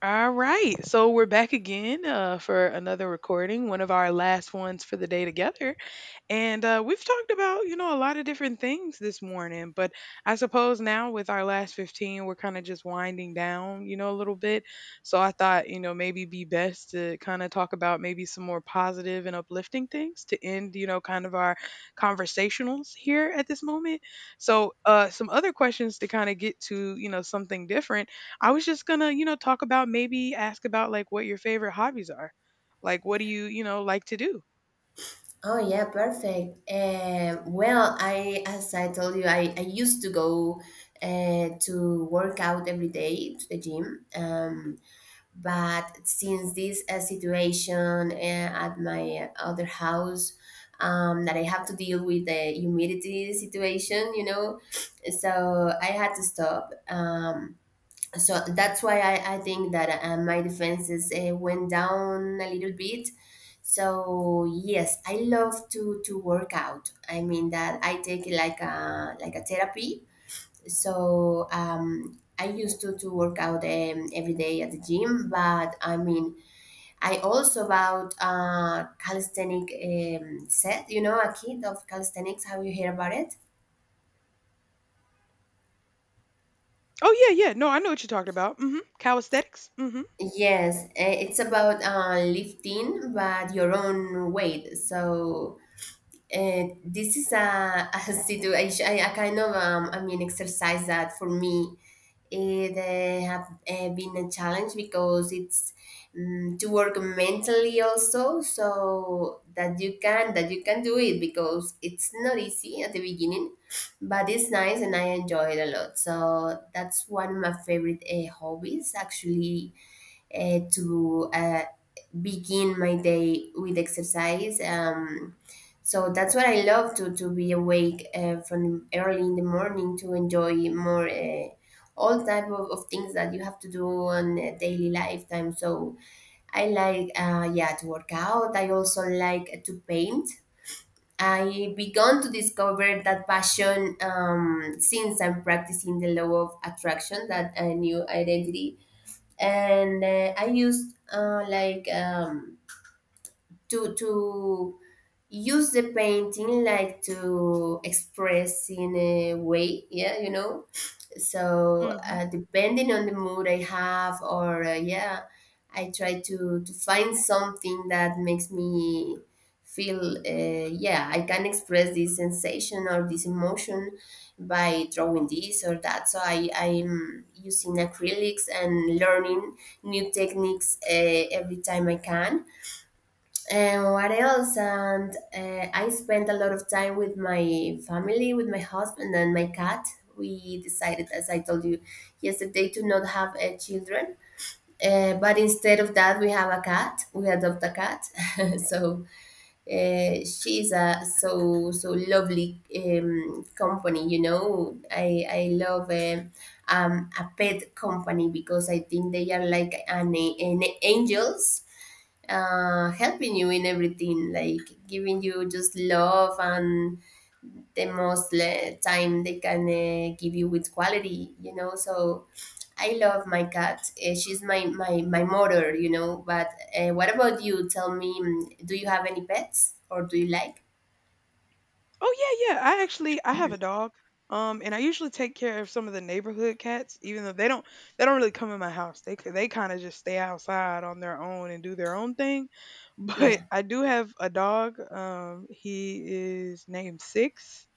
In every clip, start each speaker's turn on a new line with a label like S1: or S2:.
S1: All right. So we're back again for another recording, one of our last ones for the day together. And we've talked about, you know, a lot of different things this morning, but I suppose now with our last 15, we're kind of just winding down, you know, a little bit. So I thought, you know, maybe be best to kind of talk about maybe some more positive and uplifting things to end, you know, kind of our conversationals here at this moment. So some other questions to kind of get to, you know, something different. I was just going to, you know, talk about maybe ask about like what your favorite hobbies are. Like, what do you, you know, like to do?
S2: Oh yeah, perfect. Well, I as I told you, I used to go to work out every day to the gym. But since this situation at my other house, that I have to deal with the humidity situation, so I had to stop. So that's why I think that my defenses went down a little bit. So yes, I love to work out. I mean that I take it like a therapy. So I used to work out every day at the gym, but I mean I also about calisthenic set. You know, a kit of calisthenics. Have you heard about it?
S1: Oh yeah, yeah. No, I know what you're talking about. Mhm. Calisthenics. Mhm.
S2: Yes, it's about lifting, but your own weight. So this is a situation, a kind of I mean exercise that for me it have been a challenge because it's to work mentally also, so that you can do it because it's not easy at the beginning, but it's nice and I enjoy it a lot. So that's one of my favorite hobbies actually to begin my day with exercise. So that's what I love to be awake from early in the morning to enjoy more all type of things that you have to do on a daily lifetime. So I like yeah to work out. I also like to paint. I began to discover that passion since I'm practicing the law of attraction, that a new identity and I used like to use the painting like to express in a way yeah. So
S1: Mhm.
S2: depending on the mood I have or yeah I try to find something that makes me feel yeah I can express this sensation or this emotion by drawing this or that. So I'm using acrylics and learning new techniques every time I can. And what else? And I spent a lot of time with my family, with my husband and my cat. We decided, as I told you yesterday, to not have children. But instead of that, we have a cat. We adopt a cat. So she's a so lovely company. You know, I love a pet company because I think they are like an angels helping you in everything, like giving you just love and the most time they can give you with quality, you know. So I love my cat. She's my motor, you know. But what about you? Tell me, do you have any pets or do you like?
S1: Oh yeah, yeah. I actually I have a dog. And I usually take care of some of the neighborhood cats, even though they don't really come in my house. They kind of just stay outside on their own and do their own thing. But
S2: Yeah,
S1: I do have a dog. He is named Six,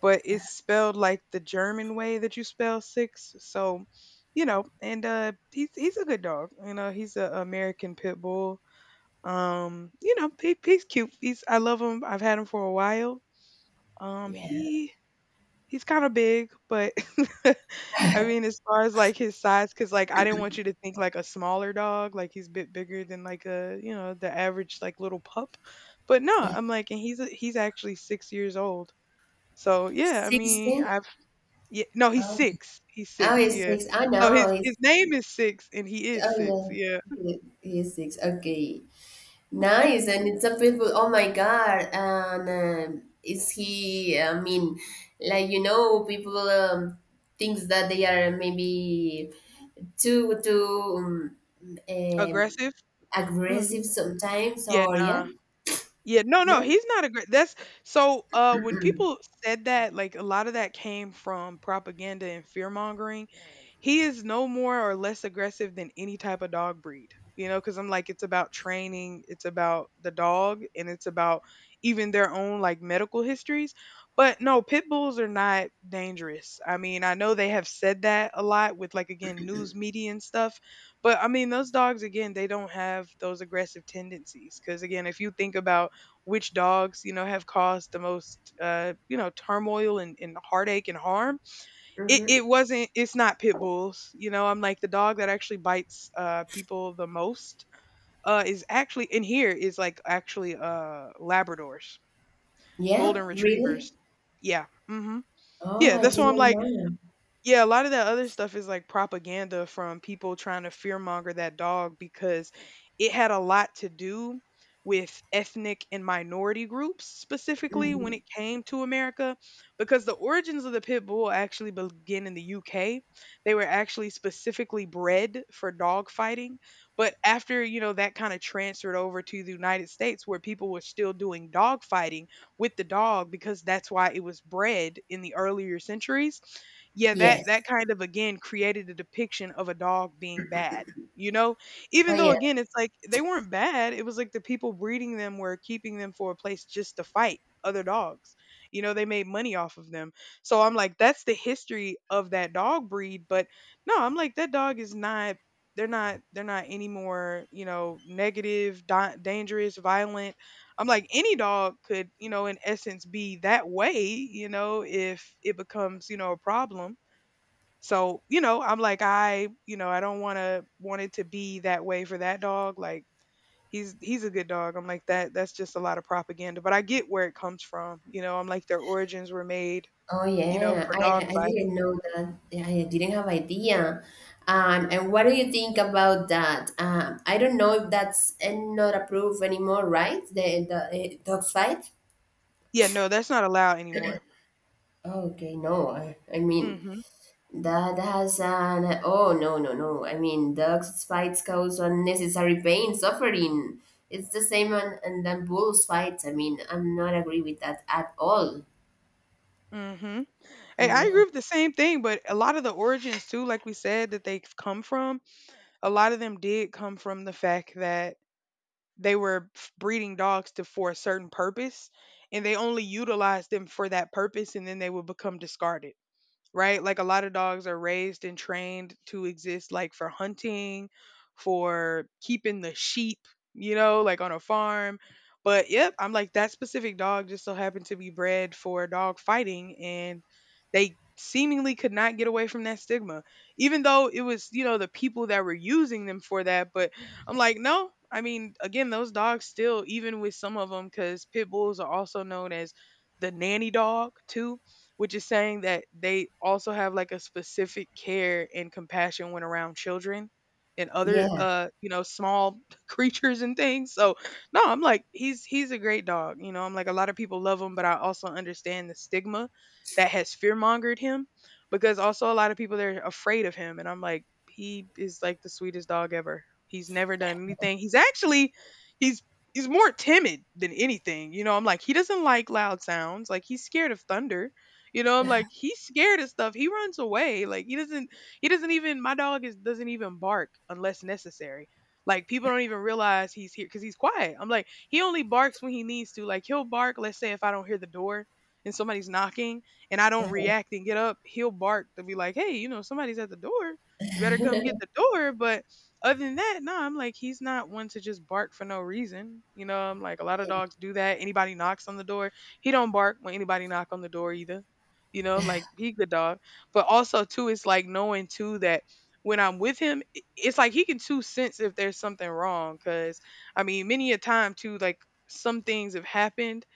S1: but it's spelled like the German way that you spell six. So, you know, and he's a good dog. You know, he's an American pit bull. You know, he's cute. He's I love him. I've had him for a while. Um,
S2: yeah.
S1: he he's kind of big, but I mean, as far as like his size, because like I didn't want you to think like a smaller dog, like he's a bit bigger than like a you know the average like little pup. But no, I'm like, and he's actually 6 years old. So yeah, I mean,
S2: 16?
S1: I've yeah, no, he's
S2: Oh,
S1: six. He's
S2: oh,
S1: six.
S2: he's
S1: Yeah.
S2: six. Oh,
S1: So
S2: no,
S1: his
S2: he's,
S1: his name is Six, and he is six.
S2: oh, yeah.
S1: Yeah.
S2: He's six. Okay. Nice, and it's a beautiful. Oh my God! And is he? I mean, like people thinks that they are maybe too um,
S1: Aggressive. Hmm.
S2: aggressive sometimes,
S1: Yeah.
S2: or yeah,
S1: Nah. Yeah, no,
S2: no,
S1: no, he's not a great. That's so. When people said that, like a lot of that came from propaganda and fear mongering. He is no more or less aggressive than any type of dog breed, you know. Because I'm like, it's about training, it's about the dog, and it's about even their own like medical histories. But no, pit bulls are not dangerous. I mean, I know they have said that a lot with like again news media and stuff, but I mean, those dogs again, they don't have those aggressive tendencies. Because again, if you think about which dogs, you know, have caused the most, you know, turmoil and heartache and harm. It
S2: mm-hmm.
S1: wasn't, it's not pit bulls. You know, I'm like the dog that actually bites people the most is actually, in here is like actually Labradors,
S2: Yeah,
S1: Golden
S2: really.
S1: Retrievers. Yeah. Hmm.
S2: Oh,
S1: Yeah.
S2: I
S1: That's why I'm
S2: didn't
S1: like,
S2: know.
S1: yeah, a lot of that other stuff is like propaganda from people trying to fearmonger that dog because it had a lot to do with ethnic and minority groups specifically
S2: Mm-hmm.
S1: when it came to America because the origins of the pit bull actually begin in the UK. They were actually specifically bred for dog fighting, but after, you know, that kind of transferred over to the United States where people were still doing dog fighting with the dog because that's why it was bred in the earlier centuries, yeah, that
S2: Yes.
S1: that kind of again created a depiction of a dog being bad, you know?
S2: Oh
S1: Even though
S2: yeah.
S1: again it's like they weren't bad, it was like the people breeding them were keeping them for a place just to fight other dogs. You know, they made money off of them. So I'm like that's the history of that dog breed, but no, I'm like that dog is not they're not any more, you know, negative, dangerous, violent. I'm like any dog could, you know, in essence be that way, you know, if it becomes, you know, a problem so, you know, I'm like, I, you know, I don't want to want it to be that way for that dog. Like he's a good dog. I'm like that's just a lot of propaganda, but I get where it comes from. You know, I'm like their origins were made,
S2: Oh
S1: you know,
S2: yeah,
S1: for
S2: I
S1: dog
S2: I
S1: fighting.
S2: didn't know that. Yeah, I didn't have idea. And what do you think about that? I don't know if that's not approved anymore, right? The dog fight.
S1: Yeah, no, that's not allowed anymore.
S2: Oh, okay, no. I mean
S1: Mhm.
S2: that has an oh no no no. I mean dogs fights cause unnecessary pain, suffering. It's the same on and then bulls fights. I mean, I'm not agree with that at all.
S1: Mhm. Hey, I
S2: Yeah.
S1: agree with the same thing, but a lot of the origins too, like we said that they've come from, a lot of them did come from the fact that they were breeding dogs to for a certain purpose and they only utilized them for that purpose and then they would become discarded, right? Like a lot of dogs are raised and trained to exist like for hunting, for keeping the sheep, you know, like on a farm. But yep, I'm like that specific dog just so happened to be bred for dog fighting and they seemingly could not get away from that stigma. Even though it was, you know, the people that were using them for that, but I'm like, no. I mean, again, those dogs still even with some of them cuz pit bulls are also known as the nanny dog too, which is saying that they also have like a specific care and compassion when around children and other
S2: Yeah.
S1: you know small creatures and things so no I'm like he's a great dog, you know, I'm like a lot of people love him but I also understand the stigma that has fear mongered him because also a lot of people they're afraid of him and I'm like he is like the sweetest dog ever, he's never done anything, he's actually he's he's more timid than anything, you know, I'm like he doesn't like loud sounds, like he's scared of thunder, you know, I'm like, he's scared of stuff. He runs away. Like he doesn't even my dog is doesn't even bark unless necessary. Like people don't even realize he's here because he's quiet. I'm like, he only barks when he needs to. Like he'll bark, let's say if I don't hear the door and somebody's knocking and I don't react and get up, he'll bark to be like, Hey, you know, somebody's at the door. You better come get the door. But other than that, no, I'm like, he's not one to just bark for no reason. You know, I'm like, a lot of dogs do that. Anybody knocks on the door, he don't bark when anybody knock on the door either. You know, I'm like, he good dog. But also too, it's like knowing too that when I'm with him, it's like he can too sense if there's something wrong. Cause I mean, many a time too, like some things have happened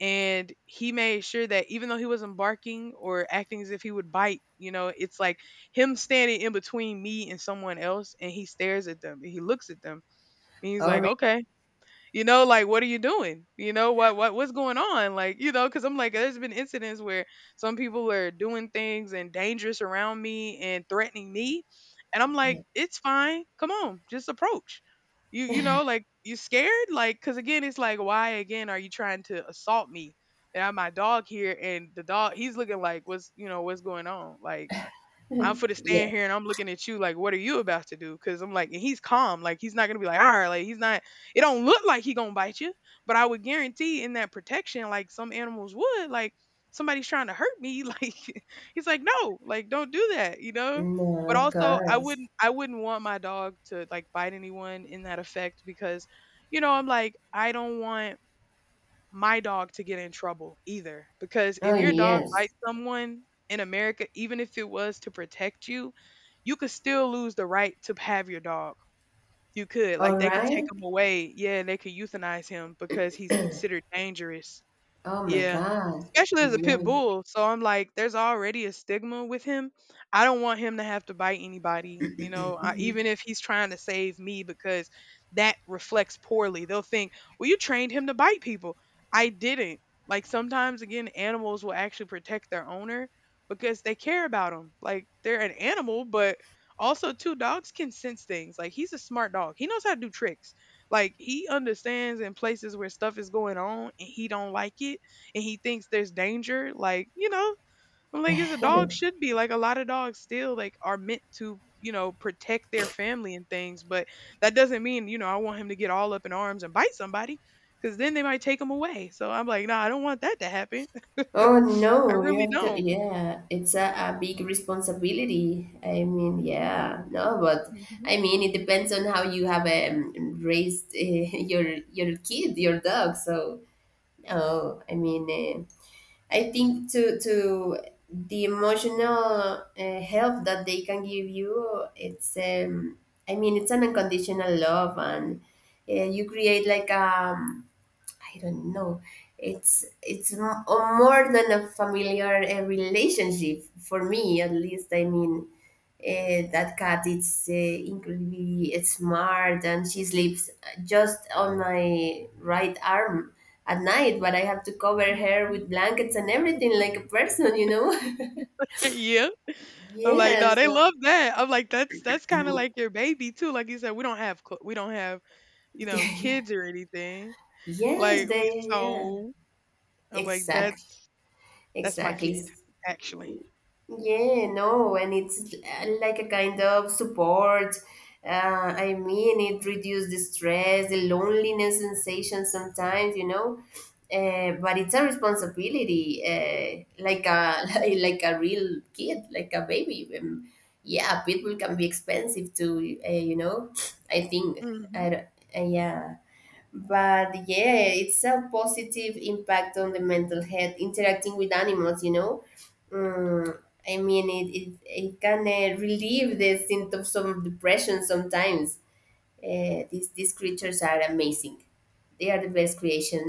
S1: and he made sure that even though he wasn't barking or acting as if he would bite, you know, it's like him standing in between me and someone else and he stares at them and he looks at them and he's like,
S2: Already.
S1: okay, you know, like what are you doing, you know, what's going on, like, you know, because I'm like there's been incidents where some people are doing things and dangerous around me and threatening me and I'm
S2: Yeah.
S1: like it's fine, come on, just approach you know, like you scared, like because again it's like why again are you trying to assault me and I have my dog here and the dog he's looking like what's, you know, what's going on, like I'm for to stand
S2: Yeah.
S1: here and I'm looking at you like, what are you about to do? Because I'm like, and he's calm. Like he's not gonna be like, all right, like he's not. It don't look like he gonna bite you, but I would guarantee in that protection, like some animals would, like somebody's trying to hurt me. Like he's like, no, like don't do that, you know.
S2: No,
S1: But
S2: of
S1: also, I
S2: course.
S1: wouldn't, I wouldn't want my dog to like bite anyone in that effect because, you know, I'm like, I don't want my dog to get in trouble either. Because
S2: Oh,
S1: if your dog
S2: yes.
S1: bites someone in America, even if it was to protect you, you could still lose the right to have your dog. You could.
S2: All
S1: Like they could take
S2: right.
S1: him away. Yeah, they could euthanize him because he's considered dangerous.
S2: Oh, my
S1: Yeah.
S2: God.
S1: Especially as a pit
S2: No.
S1: bull. So I'm like, there's already a stigma with him. I don't want him to have to bite anybody, you know, I, even if he's trying to save me, because that reflects poorly. They'll think, well, you trained him to bite people. I didn't. Like sometimes, again, animals will actually protect their owner because they care about them. Like they're an animal, but also, too, dogs can sense things. Like he's a smart dog, he knows how to do tricks. Like he understands in places where stuff is going on and he don't like it and he thinks there's danger, like, you know, I'm like, as a dog should be. Like a lot of dogs still like are meant to, you know, protect their family and things, but that doesn't mean, you know, I want him to get all up in arms and bite somebody because then they might take him away. So I'm like, nah, I don't want that to happen.
S2: Oh,
S1: I
S2: no. You
S1: really
S2: have to,
S1: don't.
S2: yeah. It's a big responsibility. I mean, yeah. No, but
S1: Mhm,
S2: I mean, it depends on how you have raised your kid, your dog. So, no, I mean, I think to the emotional help that they can give you, it's I mean it's an unconditional love, and you create like I don't know. It's more than a familiar relationship for me, at least. I mean, that cat is incredibly smart, and she sleeps just on my right arm at night. But I have to cover her
S1: mhm.
S2: with blankets and everything, like a person.
S1: Yeah. I'm like, no,
S2: Yes.
S1: they love that. I'm like, that's kind of like your baby too. Like you said, we don't have we don't have, you know, kids or anything.
S2: Yes,
S1: Like we
S2: they yeah.
S1: so I'm like
S2: Exactly.
S1: that's my
S2: Exactly.
S1: kid, actually.
S2: Yeah, no, and it's like a kind of support. I mean, it reduces the stress, the loneliness sensation sometimes. But it's a responsibility, like a like a real kid, like a baby. Yeah, people can be expensive too. I think
S1: Mhm,
S2: I don't, yeah but yeah it's a positive impact on the mental health interacting with animals. Mm, I mean it can relieve the symptoms of depression sometimes. These creatures are amazing. They are the best creation.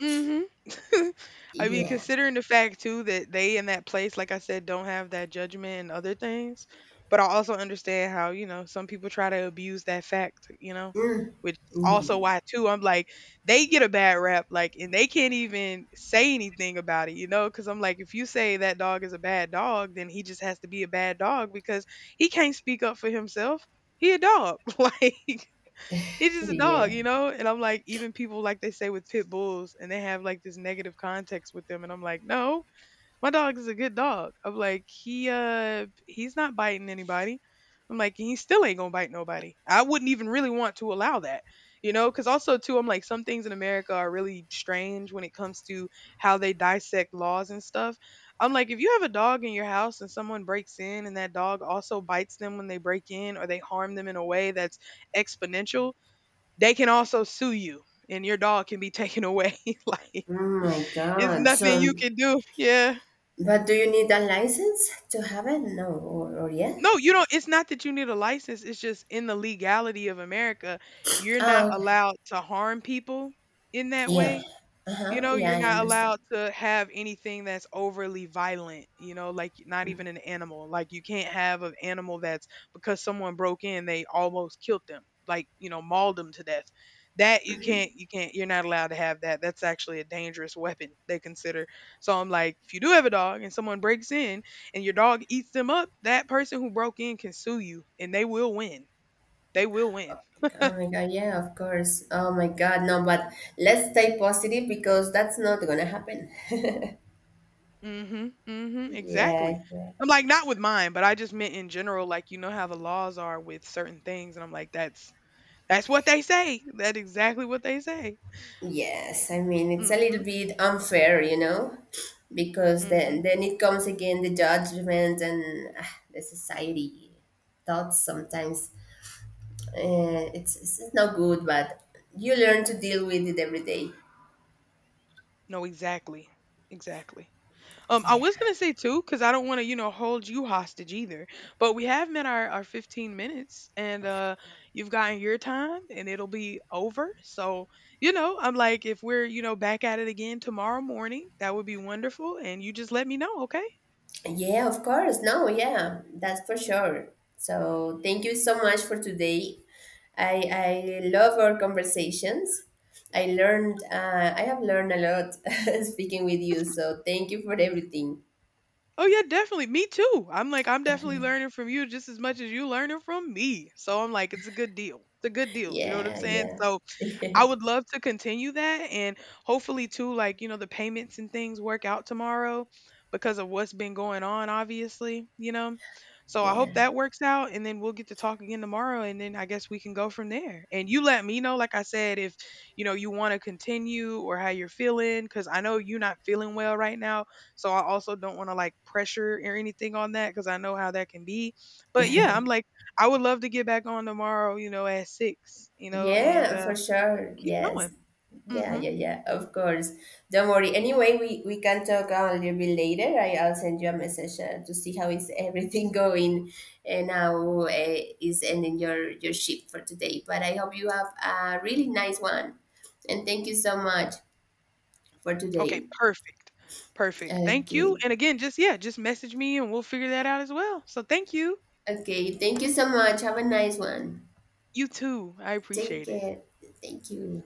S1: mhm. I mean,
S2: Yeah.
S1: considering the fact too that they in that place, like I said, don't have that judgment and other things, but I also understand how, you know, some people try to abuse that fact, you know, which is also
S2: Mm,
S1: why too I'm like, they get a bad rap, like, and they can't even say anything about it, you know, because I'm like, if you say that dog is a bad dog, then he just has to be a bad dog because he can't speak up for himself. He a dog, like. He's just a dog,
S2: yeah.
S1: you know? And I'm like, even people like they say with pit bulls and they have like this negative context with them and I'm like, "No, my dog is a good dog." I'm like, "He he's not biting anybody." I'm like, and "He still ain't going to bite nobody." I wouldn't even really want to allow that. You know, cuz also too I'm like some things in America are really strange when it comes to how they dissect laws and stuff. I'm like, if you have a dog in your house and someone breaks in and that dog also bites them when they break in or they harm them in a way that's exponential, they can also sue you and your dog can be taken away. Like
S2: Oh my
S1: it's
S2: God.
S1: nothing
S2: So,
S1: you can do. Yeah.
S2: but do you need a license to have it? No, or yeah.
S1: No, you don't, it's not that you need a license, it's just in the legality of America, you're not
S2: Oh, okay.
S1: allowed to harm people in that
S2: Yeah.
S1: way. You
S2: Uh-huh.
S1: know,
S2: Yeah,
S1: you're
S2: I
S1: not
S2: understand.
S1: allowed to have anything that's overly violent, you know, like not even an animal. Like you can't have an animal that's because someone broke in, they almost killed them, like, you know, mauled them to death. That you can't, you're not allowed to have that. That's actually a dangerous weapon, they consider. So I'm like, if you do have a dog and someone breaks in and your dog eats them up, that person who broke in can sue you and they will win. They will win.
S2: Oh my God, yeah, of course. Oh my God, no, but let's stay positive because that's not gonna happen.
S1: Mhm, mhm,
S2: Yeah,
S1: exactly.
S2: yeah.
S1: I'm like, not with mine, but I just meant in general, like, you know how the laws are with certain things, and I'm like, that's what they say. That's exactly what they say.
S2: Yes, I mean it's a little
S1: Mhm,
S2: bit unfair, because then
S1: mhm.
S2: then it comes again the judgment and the society thoughts sometimes. It's not good, but you learn to deal with it every day.
S1: No, exactly, exactly. I
S2: Yeah.
S1: was gonna say too, because I don't want to, you know, hold you hostage either. But we have met our 15 minutes, and you've gotten your time, and it'll be over. So, you know, I'm like, if we're, you know, back at it again tomorrow morning, that would be wonderful. And you just let me know, okay?
S2: Yeah, of course. No, yeah, that's for sure. So thank you so much for today. I love our conversations. I have learned a lot speaking with you. So thank you for everything.
S1: Oh yeah, definitely. Me too. I'm like, I'm definitely learning from you just as much as you learning from me. So I'm like, it's a good deal. It's a good deal. You know what I'm
S2: Yeah,
S1: saying?
S2: yeah.
S1: So I would love to continue that and hopefully too like you know the payments and things work out tomorrow because of what's been going on obviously, you know. So I
S2: Yeah.
S1: hope that works out and then we'll get to talk again tomorrow and then I guess we can go from there. And you let me know like I said if you know you want to continue or how you're feeling cuz I know you're not feeling well right now. So I also don't want to like pressure or anything on that cuz I know how that can be. But yeah, I'm like I would love to get back on tomorrow, you know, at 6, you know, and
S2: Yeah, for sure.
S1: keep going.
S2: Yes. Yeah,
S1: Mhm.
S2: yeah, yeah. Of course. Don't worry. Anyway, we can talk a little bit later. I'll send you a message to see how is everything going and how is ending your shift for today. But I hope you have a really nice one. And thank you so much for
S1: Okay,
S2: today.
S1: perfect. Perfect. Thank you.
S2: Okay.
S1: And again, just yeah, just message me and we'll figure that out as well. So thank you.
S2: Okay. Thank you so much. Have a nice one.
S1: You too. I
S2: Take
S1: appreciate it.
S2: care. Thank you.